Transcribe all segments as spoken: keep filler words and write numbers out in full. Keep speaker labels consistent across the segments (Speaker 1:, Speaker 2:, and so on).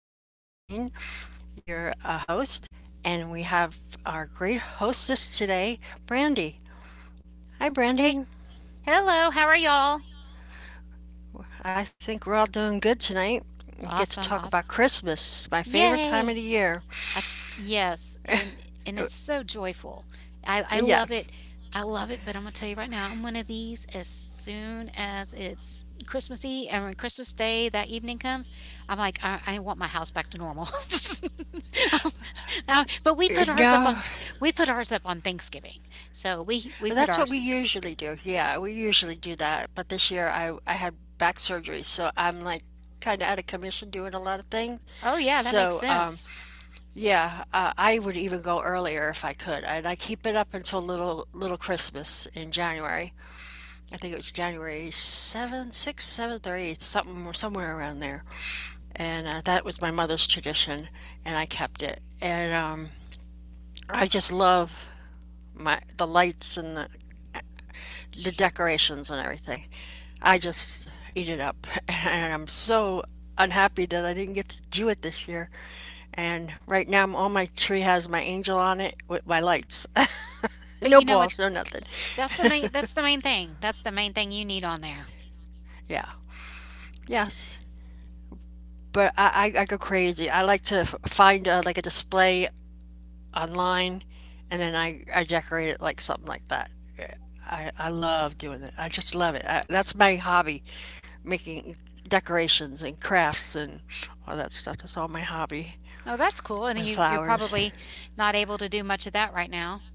Speaker 1: This is Barbara Jean, your uh, host, and we have our great hostess today, Brandy. Hi,
Speaker 2: Hey,
Speaker 1: Brandy.
Speaker 2: hello, how are y'all?
Speaker 1: I think we're all doing good tonight. We get to
Speaker 2: Awesome,
Speaker 1: talk
Speaker 2: awesome.
Speaker 1: about Christmas, my favorite time of
Speaker 2: Yay!
Speaker 1: the year.
Speaker 2: I, yes, and and it's so joyful. I I love
Speaker 1: Yes.
Speaker 2: it. I love it, but I'm gonna tell you right now, I'm one of these: as soon as it's Christmassy and when Christmas Day that evening comes, I'm like, I, I want my house back to normal. Um, uh, but we
Speaker 1: Uh,
Speaker 2: put ours up
Speaker 1: No,
Speaker 2: on we put ours up on Thanksgiving. So we we put
Speaker 1: that's what
Speaker 2: ours.
Speaker 1: we usually do. Yeah, we usually do that. But this year I, I had back surgery, so I'm like kind of out of commission doing a lot of things.
Speaker 2: Oh yeah, that makes
Speaker 1: So um,
Speaker 2: sense.
Speaker 1: yeah, uh, I would even go earlier if I could, and I keep it up until little little Christmas in January. I think it was January seventh, sixth, seventh, or eighth, something somewhere around there. And uh, that was my mother's tradition, and I kept it. And um, I just love my the lights and the, the decorations and everything. I just eat it up, and I'm so unhappy that I didn't get to do it this year. And right now, all my tree has my angel on it with my lights.
Speaker 2: But
Speaker 1: No
Speaker 2: you know what?
Speaker 1: balls, no nothing.
Speaker 2: That's the main that's the main thing. That's the main thing you need on there.
Speaker 1: Yeah. Yes. But I, I, I go crazy. I like to f- find uh, like a display online and then I, I decorate it like something like that. Yeah, I, I love doing that. I just love it. I, that's my hobby, making decorations and crafts and all that stuff. That's all my hobby.
Speaker 2: Oh, that's cool, and
Speaker 1: And
Speaker 2: you you're
Speaker 1: flowers.
Speaker 2: probably not able to do much of that right now.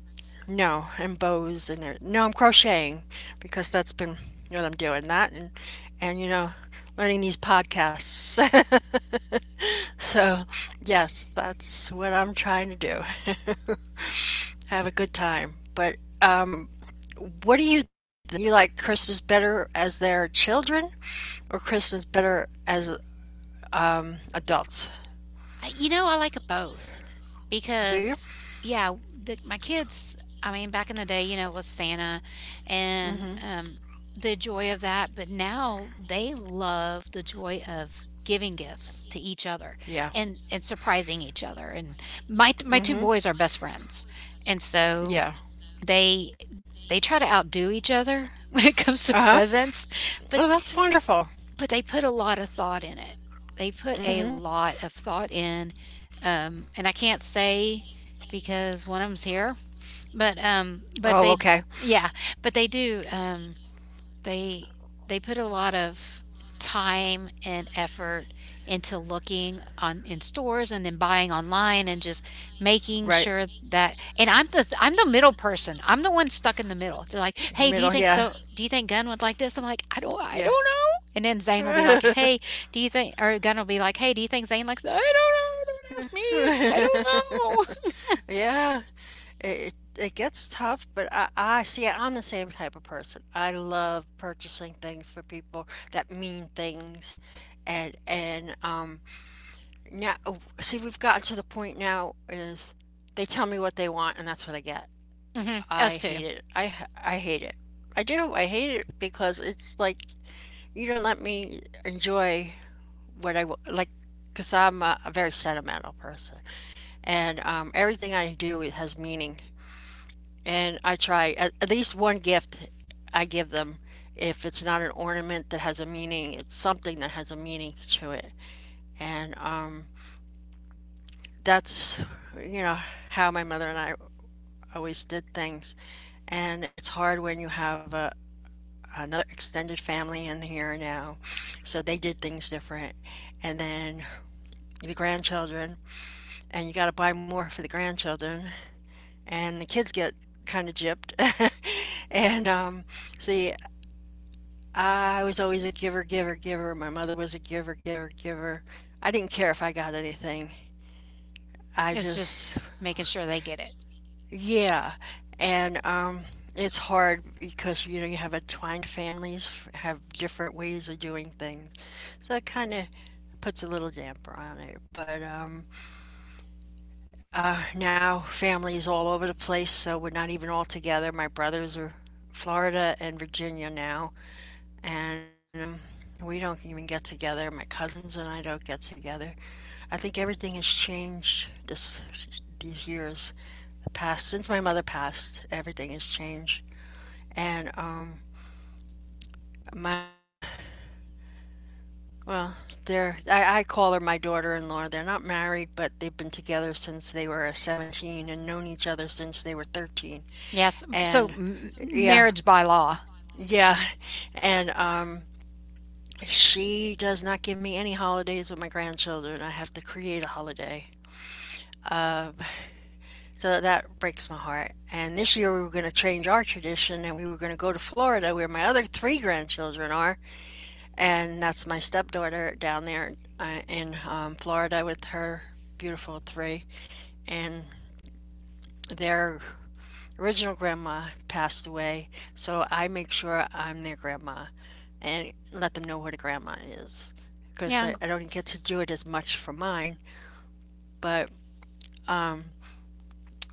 Speaker 1: No, and bows and everything. No, I'm crocheting because that's been what I'm doing. That and, and you know, learning these podcasts. So, yes, that's what I'm trying to do. Have a good time. But um, what do you think? You like Christmas better as their children or Christmas better as um, adults?
Speaker 2: I you know, I like it both
Speaker 1: Do you?
Speaker 2: because, yeah, the my kids I mean, back in the day, you know, it was Santa and, um, the joy of that, but now they love the joy of giving gifts to each other
Speaker 1: Yeah.
Speaker 2: and and surprising each other, and my my two
Speaker 1: Mm-hmm.
Speaker 2: boys are best friends, and so
Speaker 1: Yeah.
Speaker 2: they they try to outdo each other when it comes to
Speaker 1: Uh-huh.
Speaker 2: presents, but
Speaker 1: Oh, that's wonderful.
Speaker 2: But they put a lot of thought in it. They put a
Speaker 1: Mm-hmm.
Speaker 2: lot of thought in, um, and I can't say because one of them's here, but, um, but
Speaker 1: Oh,
Speaker 2: they
Speaker 1: okay.
Speaker 2: yeah, but they do, um they they put a lot of time and effort into looking on in stores and then buying online and just making
Speaker 1: Right.
Speaker 2: sure that. And I'm the I'm the middle person. I'm the one stuck in the middle. They're like, "Hey, do you
Speaker 1: Middle.
Speaker 2: think
Speaker 1: Yeah.
Speaker 2: so do you think Gunn would like this?" I'm like, "I don't I
Speaker 1: Yeah.
Speaker 2: don't know." And then Zane will be like, "Hey, do you think or Gunn will be like, "Hey, do you think Zane likes that?" I don't know. Don't ask me. I don't know.
Speaker 1: Yeah. it it gets tough, but I, I see I'm the same type of person. I love purchasing things for people that mean things, and and um now see we've gotten to the point now is they tell me what they want and that's what I get.
Speaker 2: hmm
Speaker 1: I
Speaker 2: Us too.
Speaker 1: hate it. I h- I hate it. I do. I hate it because it's like you don't let me enjoy what I w- like. Because I'm a, a very sentimental person, and um, everything I do has meaning. And I try at, at least one gift I give them. If it's not an ornament that has a meaning, it's something that has a meaning to it. And um, that's, you know, how my mother and I always did things. And it's hard when you have a, another extended family in here now. So they did things different. And then the grandchildren, and you got to buy more for the grandchildren. And the kids get kind of gypped. and um, see, I was always a giver, giver, giver. My mother was a giver, giver, giver. I didn't care if I got anything. I
Speaker 2: It's just
Speaker 1: just,
Speaker 2: making sure they get it.
Speaker 1: yeah. And um, it's hard because you know you have entwined families f- have different ways of doing things, so that kind of puts a little damper on it. But um, uh, now families all over the place, so we're not even all together. My brothers are Florida and Virginia now, and um, we don't even get together. My cousins and I don't get together. I think everything has changed this these years, the past since my mother passed. Everything has changed, and um, my uh, well, they're I, I call her my daughter-in-law. They're not married, but they've been together since they were seventeen and known each other since they were thirteen.
Speaker 2: Yes. So
Speaker 1: And
Speaker 2: m-
Speaker 1: yeah,
Speaker 2: marriage by law.
Speaker 1: yeah, and um, she does not give me any holidays with my grandchildren. I have to create a holiday. Um, so that breaks my heart. And this year we were going to change our tradition and we were going to go to Florida where my other three grandchildren are. And that's my stepdaughter down there uh, in um, Florida with her beautiful three. And they're original grandma passed away, so I make sure I'm their grandma and let them know what a grandma is. Because
Speaker 2: Yeah,
Speaker 1: I,
Speaker 2: and
Speaker 1: I don't get to do it as much for mine, but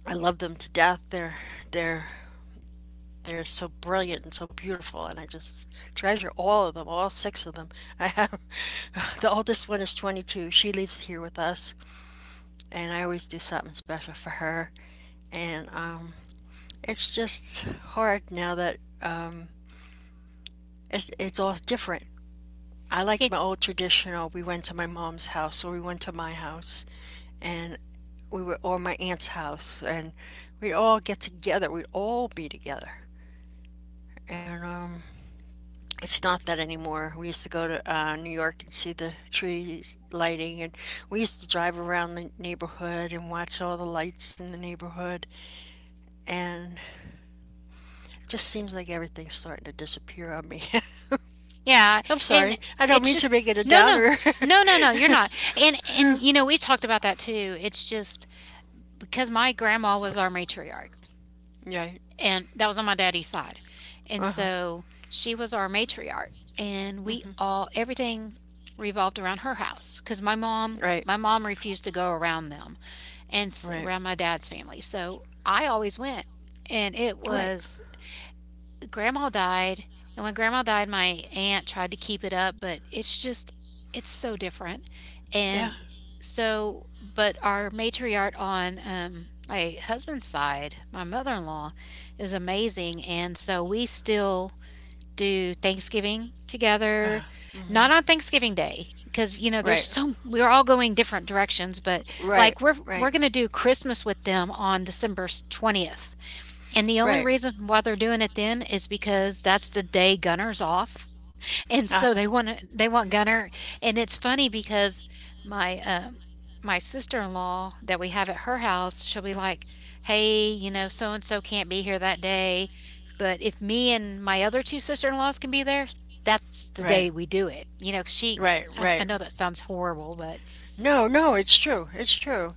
Speaker 1: I love them to death. They're they're they're so brilliant and so beautiful, and I just treasure all of them, all six of them. I have the oldest one is twenty-two. She lives here with us, and I always do something special for her. And um, it's just hard now that uh, it's, it's all different. I liked
Speaker 2: g-
Speaker 1: my old traditional. We went to my mom's house or we went to my house and we were or my aunt's house and we'd all get together. We'd all be together. And um, it's not that anymore. We used to go to uh, New York and see the trees lighting and we used to drive around the neighborhood and watch all the lights in the neighborhood and it just seems like everything's starting to disappear on me.
Speaker 2: yeah,
Speaker 1: I'm
Speaker 2: and
Speaker 1: sorry. I don't
Speaker 2: it's
Speaker 1: mean
Speaker 2: just
Speaker 1: to make it a
Speaker 2: no, no,
Speaker 1: downer.
Speaker 2: no, no, no. You're not. And and you know we talked about that too. It's just because my grandma was our matriarch,
Speaker 1: Yeah.
Speaker 2: and that was on my daddy's side, and
Speaker 1: Uh-huh.
Speaker 2: so she was our matriarch, and we all everything revolved around her house because my mom
Speaker 1: Right.
Speaker 2: my mom refused to go around them and s-
Speaker 1: Right.
Speaker 2: around my dad's family, so I always went, and it
Speaker 1: Right.
Speaker 2: was Grandma died, and when grandma died, my aunt tried to keep it up, but it's just it's so different.
Speaker 1: Yeah.
Speaker 2: And so, but our matriarch on um, my husband's side, my mother-in-law, is amazing, and so we still do Thanksgiving together.
Speaker 1: Mhm.
Speaker 2: Not on Thanksgiving Day because you know there's
Speaker 1: Right.
Speaker 2: so we're all going different directions, but
Speaker 1: Right.
Speaker 2: like we're
Speaker 1: Right.
Speaker 2: we're gonna do Christmas with them on December twentieth. And the only
Speaker 1: Right.
Speaker 2: reason why they're doing it then is because that's the day Gunner's off. And so
Speaker 1: Uh-huh.
Speaker 2: they want to, they want Gunner. And it's funny because my um my sister-in-law that we have at her house, she'll be like, "Hey, you know, so and so can't be here that day, but if me and my other two sister-in-laws can be there, that's the
Speaker 1: Right.
Speaker 2: day we do it." You know, 'cause she.
Speaker 1: Right.
Speaker 2: I, I
Speaker 1: Right.
Speaker 2: know that sounds horrible, but
Speaker 1: No, no, it's true. It's true.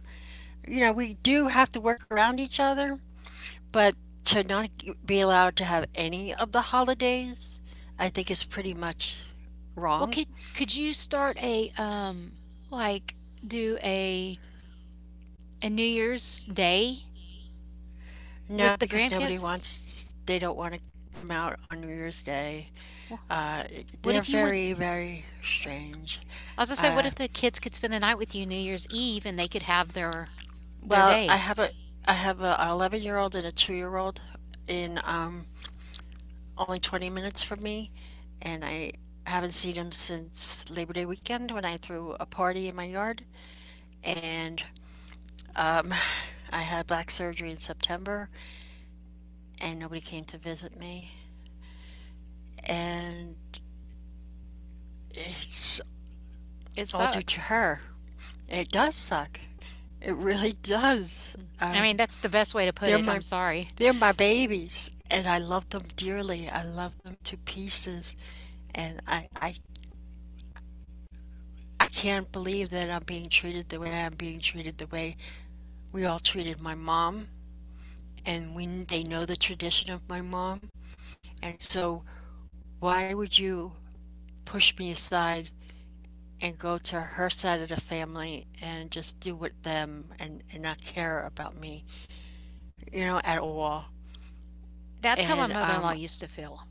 Speaker 1: You know, we do have to work around each other, but to not g- be allowed to have any of the holidays, I think is pretty much
Speaker 2: well
Speaker 1: wrong.
Speaker 2: could could you start a um like do a a New Year's Day
Speaker 1: No,
Speaker 2: with the
Speaker 1: because nobody
Speaker 2: grandkids?
Speaker 1: wants, they don't want to come out on New Year's Day.
Speaker 2: Well,
Speaker 1: Uh,
Speaker 2: what
Speaker 1: they're
Speaker 2: if you went?
Speaker 1: very, very strange.
Speaker 2: I was gonna say, what if the kids could spend the night with you New Year's Eve and they could have their their
Speaker 1: Well, I
Speaker 2: day?
Speaker 1: have a, I have a eleven year old and a two year old in um, only twenty minutes from me, and I haven't seen him since Labor Day weekend when I threw a party in my yard. And um, I had back surgery in September, and nobody came to visit me. And it's
Speaker 2: It
Speaker 1: all due to
Speaker 2: sucks.
Speaker 1: her. It does suck. It really does.
Speaker 2: Mm. I mean,
Speaker 1: Um,
Speaker 2: that's the best way to put
Speaker 1: they're
Speaker 2: it.
Speaker 1: my
Speaker 2: I'm sorry.
Speaker 1: they're my babies, and I love them dearly. I love them to pieces, and I I I can't believe that I'm being treated the way I'm being treated the way we all treated my mom and we they know the tradition of my mom and so why would you push me aside and go to her side of the family and just do with them and, and not care about me, you know, at all.
Speaker 2: That's how my
Speaker 1: And
Speaker 2: mother-in-law
Speaker 1: um
Speaker 2: used to feel.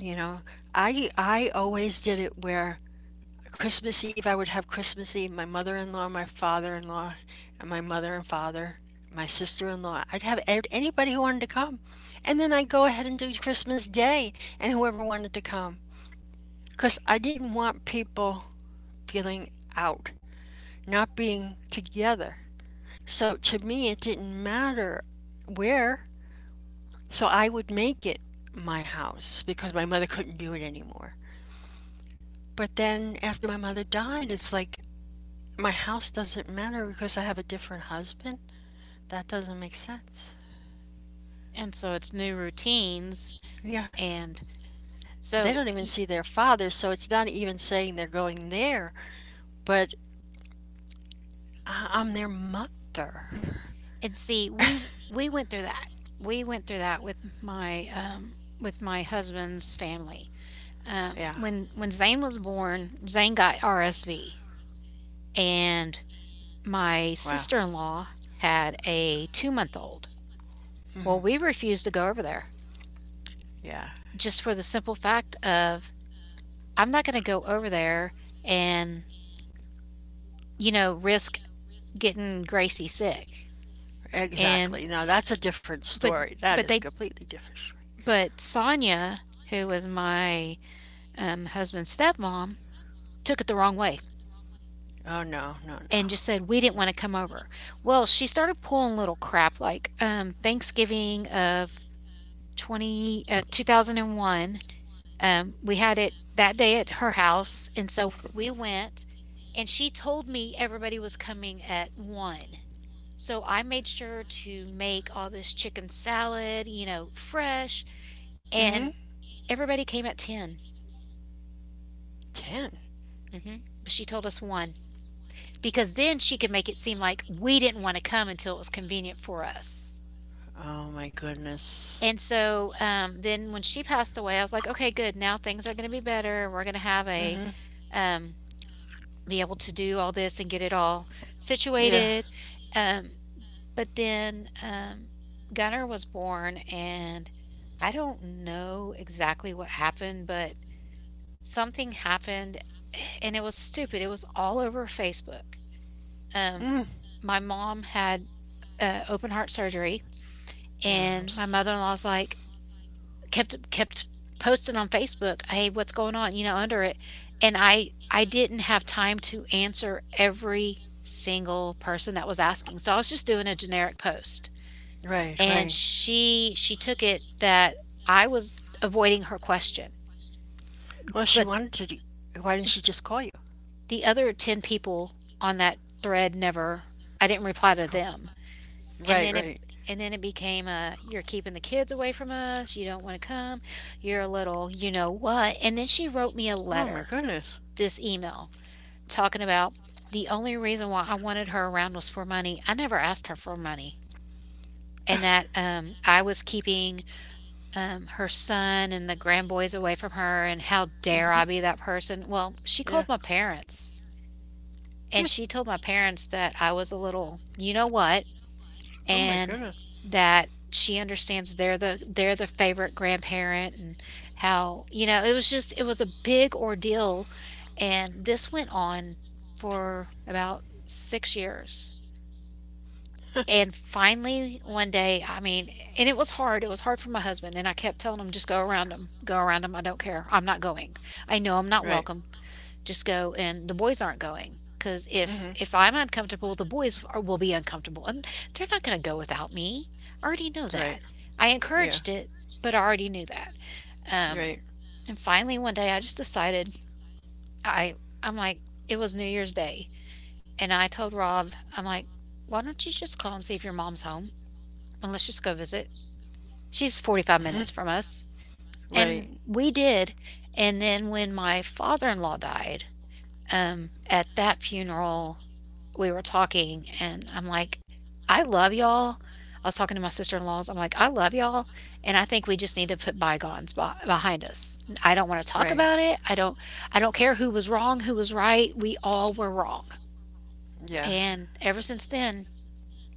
Speaker 1: You know, i i always did it where Christmas Eve, I would have Christmas Eve, my mother in law, my father in law, and my mother and father, my sister in law. I'd have anybody who wanted to come. And then I'd go ahead and do Christmas Day and whoever wanted to come. Because I didn't want people feeling out, not being together. So to me, it didn't matter where. So I would make it my house because my mother couldn't do it anymore. But then after my mother died, it's like my house doesn't matter because I have a different husband? That doesn't make sense.
Speaker 2: And so it's new routines,
Speaker 1: Yeah.
Speaker 2: and
Speaker 1: They
Speaker 2: so.
Speaker 1: don't even see their father, so it's not even saying they're going there, but I am their mother.
Speaker 2: And see, we we went through that. We went through that with my um with my husband's family. Um
Speaker 1: Yeah.
Speaker 2: when when Zane was born, Zane got R S V, and my
Speaker 1: Wow.
Speaker 2: sister in law had a two month old. Well, we refused to go over there
Speaker 1: Yeah.
Speaker 2: just for the simple fact of I'm not going to go over there and, you know, risk getting Gracie sick. And,
Speaker 1: Exactly. Now that's a different
Speaker 2: but,
Speaker 1: story. That is
Speaker 2: but
Speaker 1: a
Speaker 2: they,
Speaker 1: completely different story.
Speaker 2: but Sonia, who was my um, husband's stepmom, took it the wrong way
Speaker 1: Oh no, no, no.
Speaker 2: and just said we didn't want to come over. Well, she started pulling little crap like um, Thanksgiving of twenty uh, two thousand one. Um, we had it that day at her house, and so we went, and she told me everybody was coming at one. So I made sure to make all this chicken salad, you know, fresh,
Speaker 1: Mm-hmm.
Speaker 2: and everybody came at ten.
Speaker 1: Ten.
Speaker 2: Mhm. But she told us one because then she could make it seem like we didn't want to come until it was convenient for us.
Speaker 1: Oh my goodness.
Speaker 2: And so, um, then when she passed away, I was like, "Okay, good. Now things are gonna be better. We're gonna have a,
Speaker 1: Mm-hmm.
Speaker 2: um, be able to do all this and get it all
Speaker 1: Yeah.
Speaker 2: situated." Um, but then um, Gunner was born, and I don't know exactly what happened, but something happened, and it was stupid. It was all over Facebook. Um,
Speaker 1: Mm.
Speaker 2: my mom had uh, open heart surgery,
Speaker 1: Yeah, I'm
Speaker 2: and
Speaker 1: sorry.
Speaker 2: my mother in law's like, kept kept posting on Facebook, "Hey, what's going on?" you know, under it. And I I didn't have time to answer every single person that was asking, so I was just doing a generic post.
Speaker 1: Right,
Speaker 2: And
Speaker 1: right.
Speaker 2: she she took it that I was avoiding her question.
Speaker 1: Well, she
Speaker 2: But
Speaker 1: wanted to. Do, why didn't she just call you?
Speaker 2: the other ten people on that thread, never I didn't reply to them. And
Speaker 1: Right,
Speaker 2: then it
Speaker 1: right.
Speaker 2: and then it became a you're keeping the kids away from us, you don't want to come, you're a little, you know what. And then she wrote me a
Speaker 1: Oh my
Speaker 2: letter,
Speaker 1: goodness.
Speaker 2: this email, talking about the only reason why I wanted her around was for money. I never asked her for money. And that um, I was keeping um, her son and the grandboys away from her, and how dare
Speaker 1: Mm-hmm.
Speaker 2: I be that person? Well, she called
Speaker 1: Yeah.
Speaker 2: my parents and
Speaker 1: Hmm.
Speaker 2: she told my parents that I was a little, you know what?
Speaker 1: Oh my
Speaker 2: And
Speaker 1: goodness.
Speaker 2: that she understands they're the they're the favorite grandparent, and how, you know, it was just it was a big ordeal, and this went on for about six years. And finally one day, I mean, and it was hard, it was hard for my husband, and I kept telling him, just go around him, go around him I don't care, I'm not going, I know I'm not
Speaker 1: Right.
Speaker 2: welcome, just go. And the boys aren't going because if
Speaker 1: Mm-hmm.
Speaker 2: if I'm uncomfortable, the boys are, will be uncomfortable, and they're not going to go without me. I already know
Speaker 1: Right.
Speaker 2: that. I
Speaker 1: Yeah.
Speaker 2: encouraged it, but I already knew that. Um
Speaker 1: Right.
Speaker 2: and finally one day I just decided, i I'm like, it was new year's day, and I told Rob, I'm like, why don't you just call and see if your mom's home and let's just go visit. She's forty-five
Speaker 1: Mm-hmm.
Speaker 2: minutes from us. And
Speaker 1: Right.
Speaker 2: we did. And then when my father-in-law died, um, at that funeral, we were talking, and I'm like, "I love y'all." I was talking to my sister-in-laws. I'm like, "I love y'all, and I think we just need to put bygones be- behind us. I don't want to talk
Speaker 1: Right.
Speaker 2: about it. I don't. I don't care who was wrong, who was right. We all were wrong."
Speaker 1: Yeah.
Speaker 2: And ever since then,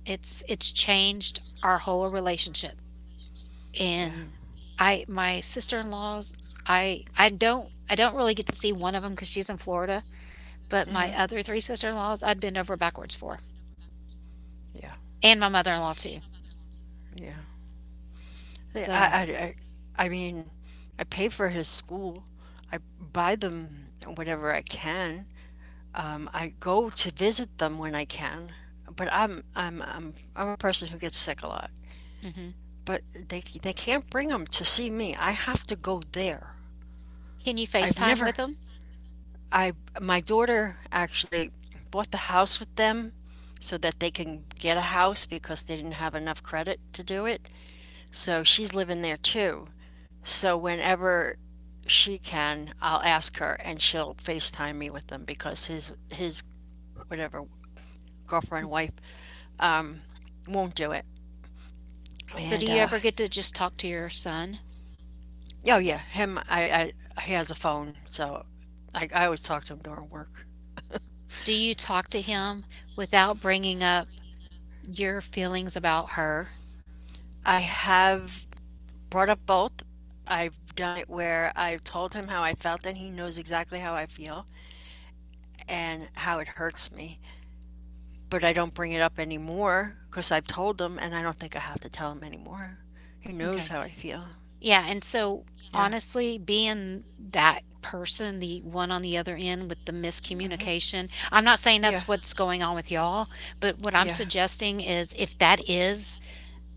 Speaker 2: it's it's changed our whole relationship.
Speaker 1: Yeah.
Speaker 2: And I, my sister-in-laws, I I don't I don't really get to see one of them because she's in Florida, but my
Speaker 1: Mm-hmm.
Speaker 2: other three sister-in-laws, I'd bend over backwards for,
Speaker 1: Yeah.
Speaker 2: and my mother-in-law too.
Speaker 1: Yeah. Yeah,
Speaker 2: So.
Speaker 1: I, I, I, I mean, I pay for his school. I buy them whatever I can. Um, I go to visit them when I can. But I'm, I'm, I'm, I'm a person who gets sick a lot.
Speaker 2: Mhm.
Speaker 1: But they, they can't bring them to see me. I have to go there.
Speaker 2: Can you
Speaker 1: I've
Speaker 2: FaceTime with
Speaker 1: never
Speaker 2: them?
Speaker 1: I my daughter actually bought the house with them so that they can get a house because they didn't have enough credit to do it. So she's living there too. So whenever she can, I'll ask her and she'll FaceTime me with them because his his whatever girlfriend wife um won't do it.
Speaker 2: So do
Speaker 1: And
Speaker 2: you
Speaker 1: uh
Speaker 2: ever get to just talk to your son?
Speaker 1: Oh yeah, him I, I, he has a phone, so I, I always talk to him during work.
Speaker 2: Do you talk to
Speaker 1: So
Speaker 2: him without bringing up your feelings about her?
Speaker 1: I have brought up both. I've done it where I've told him how I felt, and he knows exactly how I feel and how it hurts me. But I don't bring it up anymore because I've told him, and I don't think I have to tell him anymore. He knows
Speaker 2: Okay.
Speaker 1: how I feel.
Speaker 2: Yeah, and so,
Speaker 1: Yeah.
Speaker 2: honestly, being that person, the one on the other end with the
Speaker 1: Hmm.
Speaker 2: miscommunication, I'm not saying
Speaker 1: Yeah.
Speaker 2: that's what's going on with y'all, but what I'm
Speaker 1: Yeah.
Speaker 2: suggesting is, if that is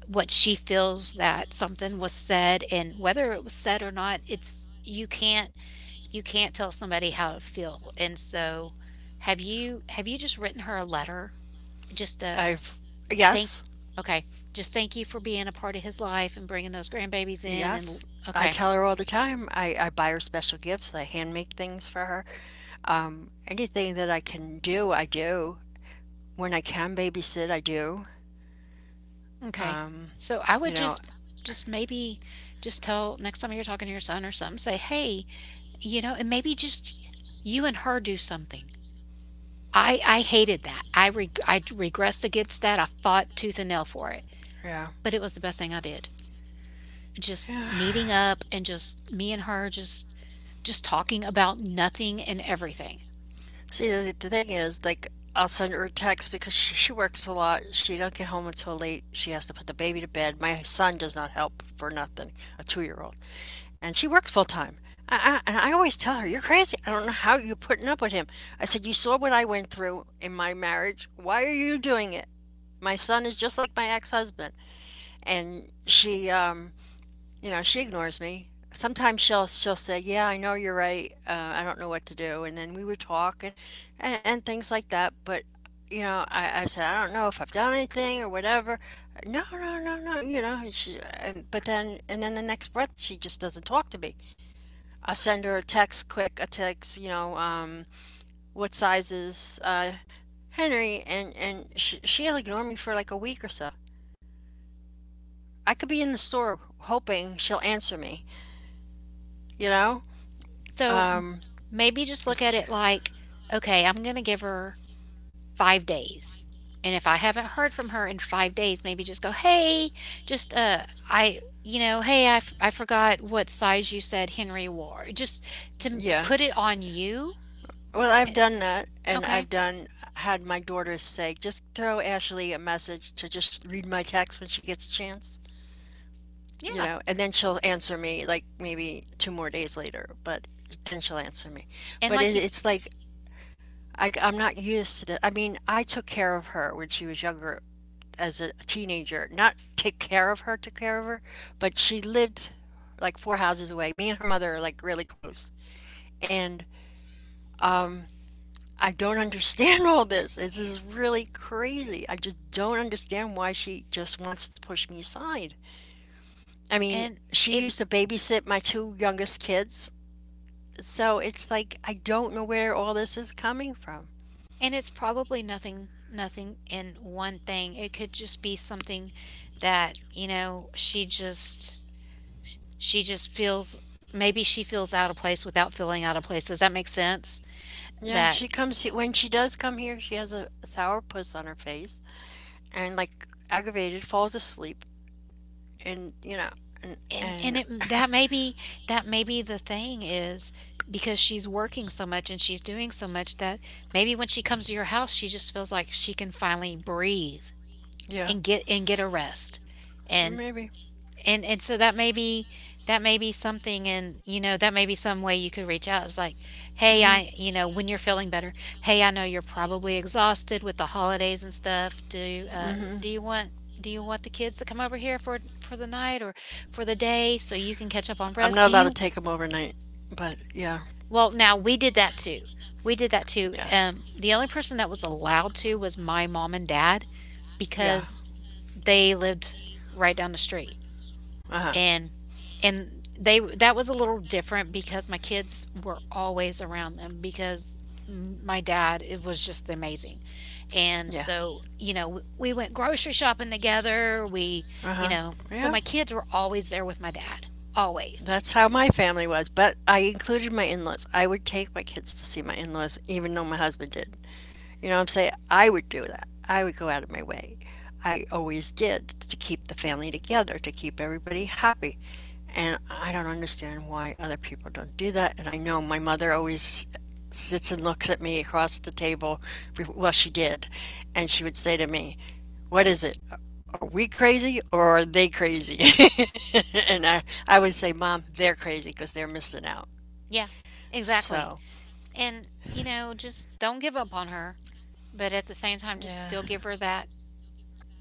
Speaker 2: what she feels, that something was said, and whether it was said or not, it's you can't, you can't tell somebody how to feel. And so have you have you just written her a letter, just a
Speaker 1: I've,
Speaker 2: thank,
Speaker 1: yes.
Speaker 2: okay, just thank you for being a part of his life and bringing those grandbabies in and l-,
Speaker 1: Yes. I
Speaker 2: okay,
Speaker 1: tell her all the time. I, I buy her special gifts. I hand make things for her. Um, anything that I can do, I do. When I can babysit, I do.
Speaker 2: okay. So I
Speaker 1: You
Speaker 2: would
Speaker 1: know,
Speaker 2: just just maybe just tell next time you're talking to your son or something, say, "Hey, you know," and maybe just you and her do something. I I hated that. I reg I regressed against that. I fought tooth and nail for it,
Speaker 1: yeah.
Speaker 2: but it was the best thing I did. Just
Speaker 1: Yeah.
Speaker 2: meeting up and just me and her just just talking about nothing and everything.
Speaker 1: See, the, the thing is, like, I'll send her a text because she, she works a lot. She don't get home until late. She has to put the baby to bed. My son does not help for nothing, a two-year-old, and she works full time. I, I, and I always tell her, "You're crazy. I don't know how you're putting up with him." I said, "You saw what I went through in my marriage. Why are you doing it?" My son is just like my ex-husband, and she um, you know, she ignores me. Sometimes she'll she'll say, "Yeah, I know you're right. Uh, I don't know what to do." And then we would talk and, and and things like that. But you know, I, I said, "I don't know if I've done anything or whatever." No, no, no, no. You know, and she and but then and then the next breath, she just doesn't talk to me. I send her a text, quick a text. You know, um, what sizes, uh, Henry, and and she, she'll ignore me for like a week or so. I could be in the store hoping she'll answer me. You know.
Speaker 2: So m-
Speaker 1: Um,
Speaker 2: maybe just look at
Speaker 1: It's-
Speaker 2: it like, okay, I'm going to give her five days. And if I haven't heard from her in five days, maybe just go, "Hey, just uh I you know, hey, I, f- I forgot what size you said Henry wore." Just to m-
Speaker 1: Yeah.
Speaker 2: put it on you.
Speaker 1: Well, I've
Speaker 2: Eh,
Speaker 1: done that, and
Speaker 2: Okay,
Speaker 1: I've done had my daughters say, just throw Ashley a message to just read my text when she gets a chance, you
Speaker 2: Yeah,
Speaker 1: know, and then she'll answer me like maybe two more days later, but then she'll answer me.
Speaker 2: and
Speaker 1: But
Speaker 2: like
Speaker 1: it,
Speaker 2: you
Speaker 1: it's
Speaker 2: s
Speaker 1: like I, I'm not used to that. I mean, I took care of her when she was younger as a teenager, not take care of her, took care of her, but she lived like four houses away. Me and her mother are like really close. And um, I don't understand all this. This is really crazy. I just don't understand why she just wants to push me aside. I mean,
Speaker 2: and
Speaker 1: she
Speaker 2: it
Speaker 1: used to babysit my two youngest kids. So it's like I don't know where all this is coming from.
Speaker 2: and it's probably nothing nothing in one thing. It could just be something that, you know, she just she just feels maybe she feels out of place without feeling out of place. Does that make sense?
Speaker 1: Yeah,
Speaker 2: That
Speaker 1: she comes he- when she does come here, she has a sour puss on her face and like aggravated falls asleep and you know and
Speaker 2: and and
Speaker 1: and
Speaker 2: it that maybe that maybe the thing is because she's working so much and she's doing so much that maybe when she comes to your house she just feels like she can finally breathe
Speaker 1: yeah,
Speaker 2: and get and get a rest. And
Speaker 1: maybe.
Speaker 2: And and so that may be that may be something and, you know, that may be some way you could reach out. It's like,
Speaker 1: Mm
Speaker 2: "Hey,
Speaker 1: Mhm.
Speaker 2: I" you know, when you're feeling better, "Hey, I know you're probably exhausted with the holidays and stuff. Do
Speaker 1: mm
Speaker 2: uh
Speaker 1: Mhm.
Speaker 2: do you want do you want the kids to come over here for for the night or for the day so you can catch up on
Speaker 1: I'm
Speaker 2: rest?
Speaker 1: not
Speaker 2: Do
Speaker 1: allowed to
Speaker 2: you."
Speaker 1: take them overnight, but yeah.
Speaker 2: Well, now we did that too. We did that too.
Speaker 1: Yeah.
Speaker 2: Um the only person that was allowed to was my mom and dad
Speaker 1: Yeah.
Speaker 2: because they lived right down the street
Speaker 1: Uh-huh.
Speaker 2: and and they, that was a little different because my kids were always around them because m- my dad, it was just amazing. And
Speaker 1: Yeah.
Speaker 2: so, you know, w- we went grocery shopping together, we,
Speaker 1: Uh huh.
Speaker 2: you know, so
Speaker 1: Yeah.
Speaker 2: my kids were always there with my dad. Always.
Speaker 1: That's how my family was. But I included my in laws. I would take my kids to see my in laws, even though my husband did. You know what I'm saying? I would do that. I would go out of my way. I always did to keep the family together, to keep everybody happy. And I don't understand why other people don't do that. And I know my mother always sits and looks at me across the table. Well, she did. And she would say to me, what is it? Are we crazy or are they crazy? and I, I would say, "Mom, they're crazy because they're missing out."
Speaker 2: Yeah. Exactly.
Speaker 1: So,
Speaker 2: And you know, just don't give up on her, but at the same time just
Speaker 1: yeah.
Speaker 2: still give her that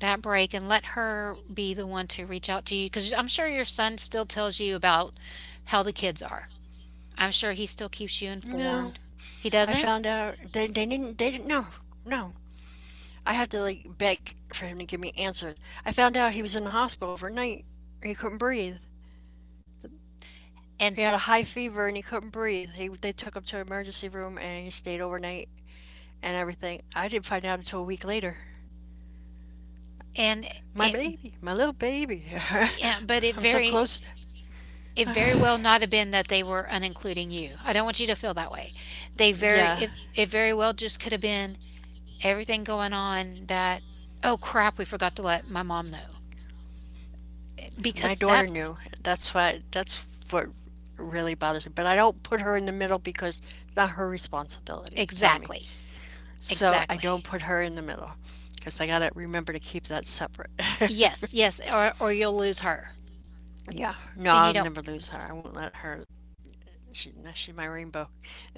Speaker 2: that break and let her be the one to reach out to you because I'm sure your son still tells you about how the kids are. I'm sure he still keeps you
Speaker 1: No,
Speaker 2: informed. He
Speaker 1: I
Speaker 2: doesn't?
Speaker 1: found out they, they didn't, they didn't, no, no. I had to like beg for him to give me answers. I found out he was in the hospital overnight. He couldn't breathe.
Speaker 2: And
Speaker 1: He had a
Speaker 2: s-
Speaker 1: high
Speaker 2: s-
Speaker 1: fever and he couldn't breathe. He, they took him to an emergency room and he stayed overnight and everything. I didn't find out until a week later.
Speaker 2: and
Speaker 1: My
Speaker 2: it
Speaker 1: baby, my little baby.
Speaker 2: yeah, but it
Speaker 1: I'm so
Speaker 2: very
Speaker 1: close.
Speaker 2: it very well not have been that they were unincluding you. I don't want you to feel that way. They very
Speaker 1: Yeah.
Speaker 2: it, it very well just could have been everything going on that, oh crap, we forgot to let my mom know.
Speaker 1: My
Speaker 2: Because
Speaker 1: daughter
Speaker 2: that
Speaker 1: knew. That's why. That's what really bothers me. But I don't put her in the middle because it's not her responsibility to tell me.
Speaker 2: exactly.
Speaker 1: So I
Speaker 2: Exactly.
Speaker 1: don't put her in the middle because I gotta remember to keep that separate.
Speaker 2: Yes, yes, or or you'll lose her.
Speaker 1: Yeah. No,
Speaker 2: And you
Speaker 1: I'll
Speaker 2: don't,
Speaker 1: never lose her. I won't let her. She, no, she's my rainbow.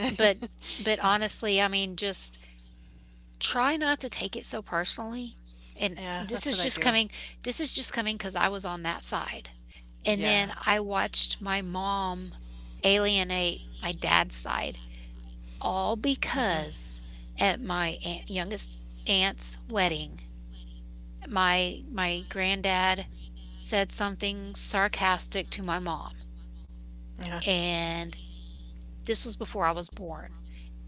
Speaker 2: but but honestly, I mean, just try not to take it so personally, and
Speaker 1: Yeah,
Speaker 2: this
Speaker 1: that's
Speaker 2: is
Speaker 1: what I
Speaker 2: just
Speaker 1: do.
Speaker 2: coming this is just coming because I was on that side, and
Speaker 1: Yeah.
Speaker 2: then I watched my mom alienate my dad's side, all because at my aunt youngest aunt's wedding, my my granddad said something sarcastic to my mom,
Speaker 1: Yeah.
Speaker 2: and this was before I was born,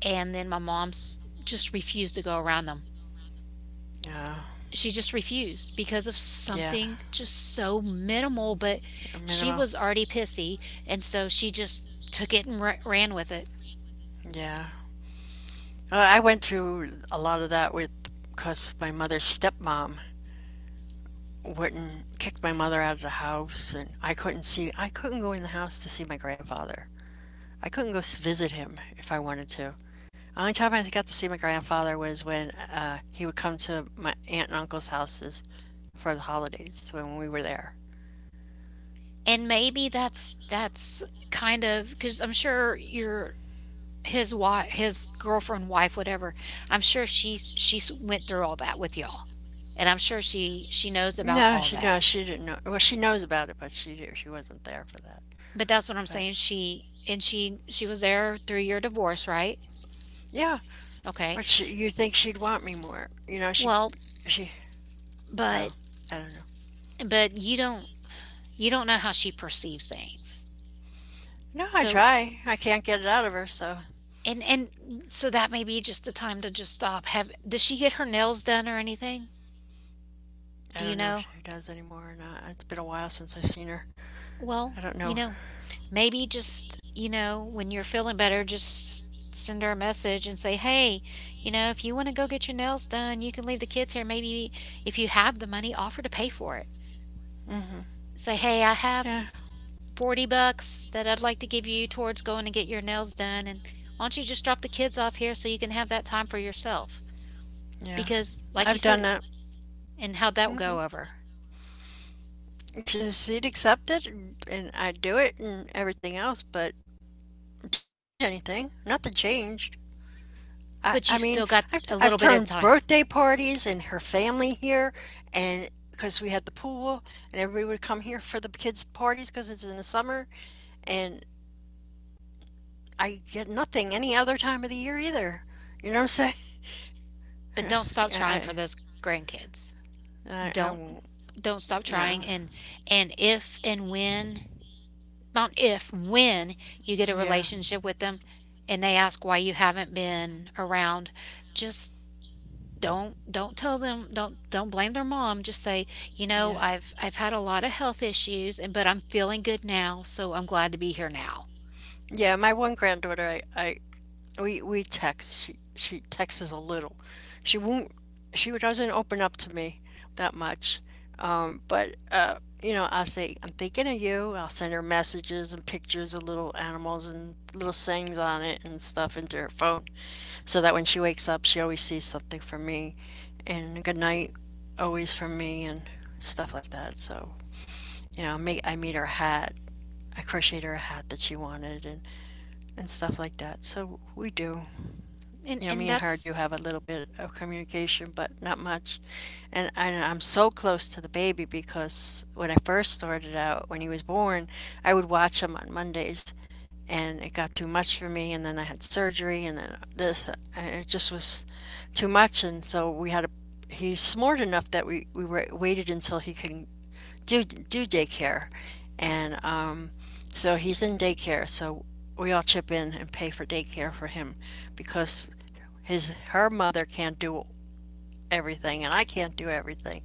Speaker 2: and then my mom s just refused to go around them.
Speaker 1: Yeah.
Speaker 2: She just refused because of
Speaker 1: Yeah.
Speaker 2: something just so minimal, but she
Speaker 1: Minimum.
Speaker 2: was already pissy, and so she just took it and ra- ran with it.
Speaker 1: Yeah. Uh, I went through a lot of that with because my mother's stepmom wouldn't kicked my mother out of the house and I couldn't see I couldn't go in the house to see my grandfather. I couldn't go visit him if I wanted to. The only time I got to see my grandfather was when uh, he would come to my aunt and uncle's houses for the holidays so when we were there.
Speaker 2: And maybe that's that's kind of, because I'm sure your his wife, his girlfriend, wife, whatever. I'm sure she's she's went through all that with y'all, and I'm sure she she knows about
Speaker 1: No,
Speaker 2: all
Speaker 1: she
Speaker 2: that.
Speaker 1: no, she didn't know. Well, she knows about it, but she she wasn't there for that.
Speaker 2: But that's what I'm
Speaker 1: But
Speaker 2: saying. She and she she was there through your divorce, right?
Speaker 1: yeah,
Speaker 2: Okay.
Speaker 1: what she, you'd think she'd want me more. You know, she
Speaker 2: Well,
Speaker 1: she. So
Speaker 2: but
Speaker 1: I don't know.
Speaker 2: but you don't, you don't know how she perceives things.
Speaker 1: No, I
Speaker 2: So
Speaker 1: try. I can't get it out of her, so
Speaker 2: and and so that may be just a time to just stop. Have, does she get her nails done or anything?
Speaker 1: I
Speaker 2: Do
Speaker 1: don't
Speaker 2: you
Speaker 1: know if
Speaker 2: know?
Speaker 1: she does anymore or not. It's been a while since I've seen her.
Speaker 2: Well,
Speaker 1: I don't
Speaker 2: you
Speaker 1: know.
Speaker 2: know, maybe just, you know, when you're feeling better, just send her a message and say, "Hey, you know, if you want to go get your nails done, you can leave the kids here. Maybe if you have the money, offer to pay for it.
Speaker 1: Mm,
Speaker 2: Say, "Hey, I have
Speaker 1: yeah,
Speaker 2: forty bucks that I'd like to give you towards going to get your nails done, and why don't you just drop the kids off here so you can have that time for yourself?"
Speaker 1: yeah.
Speaker 2: Because like you
Speaker 1: I've done
Speaker 2: said.
Speaker 1: that.
Speaker 2: And how'd that go
Speaker 1: Hmm,
Speaker 2: over?
Speaker 1: she'd accept it, and I'd do it, and everything else. But did change anything? Nothing changed. I,
Speaker 2: But you
Speaker 1: I mean,
Speaker 2: still got
Speaker 1: I've
Speaker 2: a
Speaker 1: I've
Speaker 2: little bit of
Speaker 1: thrown
Speaker 2: time.
Speaker 1: birthday parties and her family here, and because we had the pool, and everybody would come here for the kids' parties because it's in the summer, and I get nothing any other time of the year either. You know what I'm saying?
Speaker 2: But
Speaker 1: I
Speaker 2: don't stop trying for
Speaker 1: I
Speaker 2: those grandkids.
Speaker 1: I, I
Speaker 2: don't
Speaker 1: won't.
Speaker 2: don't stop trying,
Speaker 1: No.
Speaker 2: and and if and when, not if, when you get a
Speaker 1: Yeah.
Speaker 2: relationship with them and they ask why you haven't been around, just don't don't tell them, don't don't blame their mom, just say, you know,
Speaker 1: Yeah.
Speaker 2: i've I've had a lot of health issues, and but I'm feeling good now, so I'm glad to be here now.
Speaker 1: Yeah, my one granddaughter, I, I we we text. She she texts a little. She won't she doesn't open up to me that much. Um, but uh, you know, I'll say, "I'm thinking of you." I'll send her messages and pictures of little animals and little sayings on it and stuff into her phone so that when she wakes up, she always sees something from me and good night always from me and stuff like that. So, you know, I meet, I meet her hat I crocheted her a hat that she wanted, and, and stuff like that. So we do. You
Speaker 2: And
Speaker 1: know, me
Speaker 2: and
Speaker 1: and her
Speaker 2: that's
Speaker 1: do have a little bit of communication, but not much. And I, I'm so close to the baby because when I first started out, when he was born, I would watch him on Mondays and it got too much for me. And then I had surgery and then this, and it just was too much. And so we had a he's smart enough that we, we were, waited until he can do do daycare, and um, so he's in daycare. So we all chip in and pay for daycare for him because his her mother can't do everything and I can't do everything,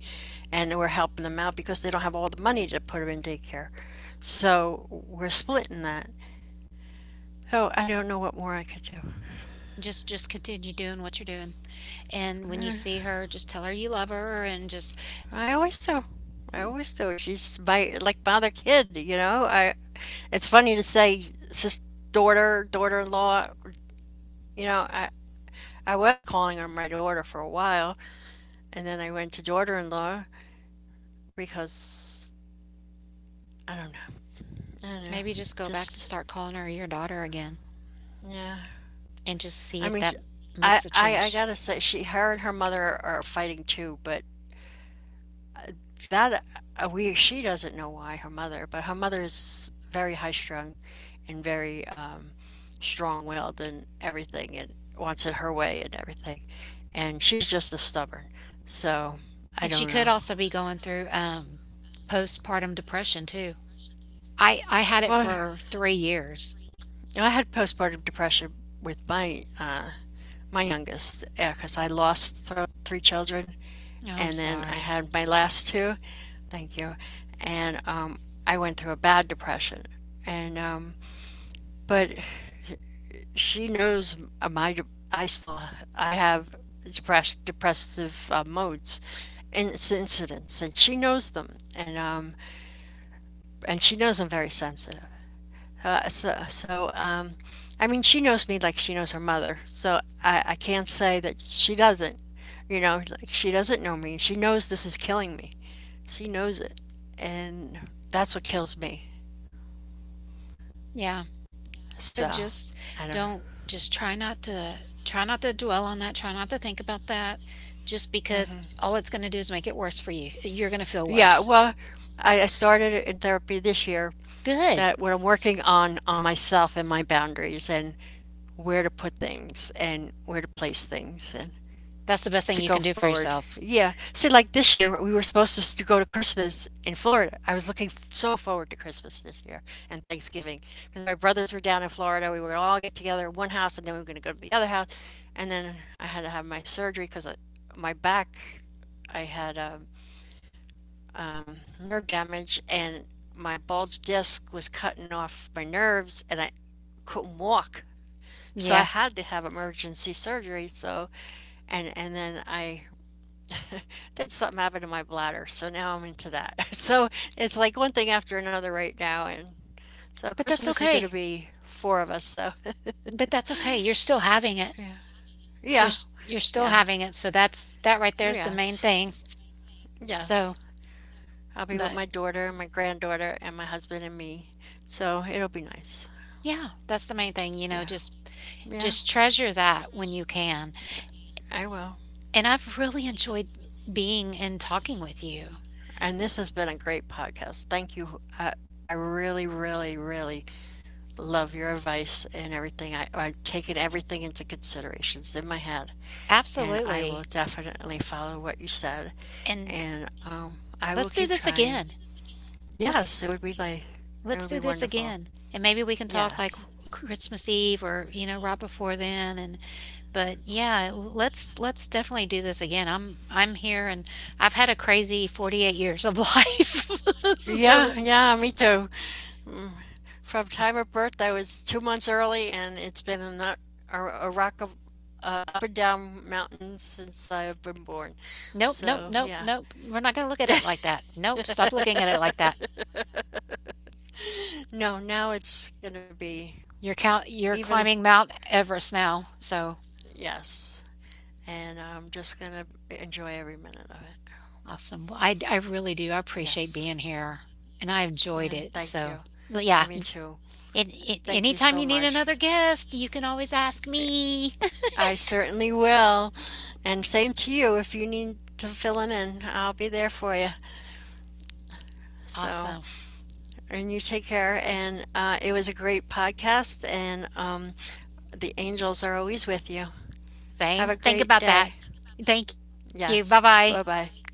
Speaker 1: and we're helping them out because they don't have all the money to put him in daycare. So we're splitting that. So I don't know what more I could do.
Speaker 2: Just just continue doing what you're doing. And when you see her, just tell her you love her and just,
Speaker 1: I always do. I
Speaker 2: mm,
Speaker 1: always do. She's my like father, kid, you know. I. It's funny to say sis, daughter, daughter-in-law. You know, I, I was calling her my daughter for a while, and then I went to daughter in law because I don't know. I don't know.
Speaker 2: maybe just go back to,
Speaker 1: Just,
Speaker 2: start calling her your daughter again,
Speaker 1: yeah.
Speaker 2: and just see
Speaker 1: I
Speaker 2: if
Speaker 1: mean,
Speaker 2: that
Speaker 1: I,
Speaker 2: makes a
Speaker 1: I, I
Speaker 2: change.
Speaker 1: gotta say, she, her and her mother are fighting too, but that, uh, we, she doesn't know why her mother, but her mother is very high strung and very um, strong willed and everything and wants it her way and everything. And she's just as stubborn. So, I
Speaker 2: And she
Speaker 1: don't
Speaker 2: could
Speaker 1: know.
Speaker 2: also be going through um postpartum depression too. I I had it
Speaker 1: Well,
Speaker 2: for three years.
Speaker 1: I had postpartum depression with my uh, my youngest because I lost thro three children,
Speaker 2: Oh, I'm
Speaker 1: and then I
Speaker 2: sorry.
Speaker 1: had my last two. Thank you, and um, I went through a bad depression, and um, but she knows uh, my de- I still I have depress depressive uh, modes, and incidents, and she knows them, and um, and she knows I'm very sensitive. Uh, so, so um, I mean, she knows me like she knows her mother. So I, I can't say that she doesn't. You know, like she doesn't know me. She knows this is killing me. She knows it, and that's what kills me.
Speaker 2: Yeah,
Speaker 1: So
Speaker 2: but
Speaker 1: I
Speaker 2: just
Speaker 1: don't know.
Speaker 2: don't, just try not to, try not to dwell on that, try not to think about that just because all it's going to do is make it worse for you. You're going to feel
Speaker 1: Yeah,
Speaker 2: worse.
Speaker 1: well, I, I started in therapy this year.
Speaker 2: Good.
Speaker 1: That what I'm working on on myself and my boundaries and where to put things and where to place things and
Speaker 2: That's the best thing
Speaker 1: to
Speaker 2: you
Speaker 1: go
Speaker 2: can do for
Speaker 1: forward.
Speaker 2: yourself.
Speaker 1: Yeah. See, like this year, we were supposed to s- to go to Christmas in Florida. I was looking f- so forward to Christmas this year and Thanksgiving because my brothers were down in Florida. We were gonna all get together in one house, and then we were going to go to the other house. And then I had to have my surgery because my back, I had um, um, nerve damage, and my bulge disc was cutting off my nerves, and I couldn't walk. So I
Speaker 2: Yeah,
Speaker 1: had to have emergency surgery. So and and then I did something happen to my bladder, so now I'm into that. So it's like one thing after another right now, and so
Speaker 2: but that's
Speaker 1: Christmas is going to
Speaker 2: okay.
Speaker 1: be four of us. So
Speaker 2: But that's okay. You're still having it.
Speaker 1: yeah,
Speaker 2: You're
Speaker 1: yeah,
Speaker 2: s- you're still
Speaker 1: yeah,
Speaker 2: having it. So that's that right there is the main
Speaker 1: yes,
Speaker 2: thing. So,
Speaker 1: yes. I'll be with
Speaker 2: but
Speaker 1: my daughter and my granddaughter and my husband and me. So it'll be nice.
Speaker 2: yeah, that's the main thing, you know,
Speaker 1: Yeah,
Speaker 2: just
Speaker 1: yeah,
Speaker 2: just treasure that when you can.
Speaker 1: I will.
Speaker 2: And I've really enjoyed being and talking with you.
Speaker 1: And this has been a great podcast. Thank you. Uh, I really, really, really love your advice and everything. I, I've taken everything into considerations in my head, and I will
Speaker 2: Absolutely.
Speaker 1: definitely follow what you said,
Speaker 2: And
Speaker 1: and um, I will
Speaker 2: let's do
Speaker 1: keep
Speaker 2: this
Speaker 1: trying.
Speaker 2: again. Let's
Speaker 1: Yes, it would be like it
Speaker 2: Let's
Speaker 1: would
Speaker 2: do
Speaker 1: be
Speaker 2: this
Speaker 1: wonderful.
Speaker 2: again, and maybe we can talk like
Speaker 1: Yes.
Speaker 2: Christmas Eve or, you know, right before then, and but yeah, let's let's definitely do this again. I'm I'm here, and I've had a crazy forty-eight years of life.
Speaker 1: Yeah,
Speaker 2: So,
Speaker 1: yeah, me too. Mm. From time of birth, I was two months early, and it's been a, nut, a, a rock of uh, up and down mountains since I've been born.
Speaker 2: nope, nope,
Speaker 1: So
Speaker 2: nope,
Speaker 1: yeah,
Speaker 2: nope. We're not going to look at it like that. Nope, stop looking at it like that.
Speaker 1: no, now it's gonna be
Speaker 2: You're count you're
Speaker 1: even.
Speaker 2: climbing Mount Everest now. So,
Speaker 1: Yes, and I'm just gonna enjoy every minute of it.
Speaker 2: awesome. Well, I I really do. I appreciate
Speaker 1: Yes.
Speaker 2: being here and I enjoyed
Speaker 1: Mm,
Speaker 2: it.
Speaker 1: thank you.
Speaker 2: So,
Speaker 1: I
Speaker 2: yeah.
Speaker 1: me too.
Speaker 2: And, and
Speaker 1: Thank you so
Speaker 2: anytime you need
Speaker 1: much.
Speaker 2: another guest, you can always ask me.
Speaker 1: I certainly will. And same to you. If you need to fill it in, I'll be there for you. So,
Speaker 2: Awesome.
Speaker 1: and you take care. And uh, it was a great podcast. And um, the angels are always with you. Have
Speaker 2: Same.
Speaker 1: a
Speaker 2: Think
Speaker 1: great
Speaker 2: about that.
Speaker 1: day.
Speaker 2: Thank you.
Speaker 1: Yes.
Speaker 2: Bye bye.
Speaker 1: Bye bye.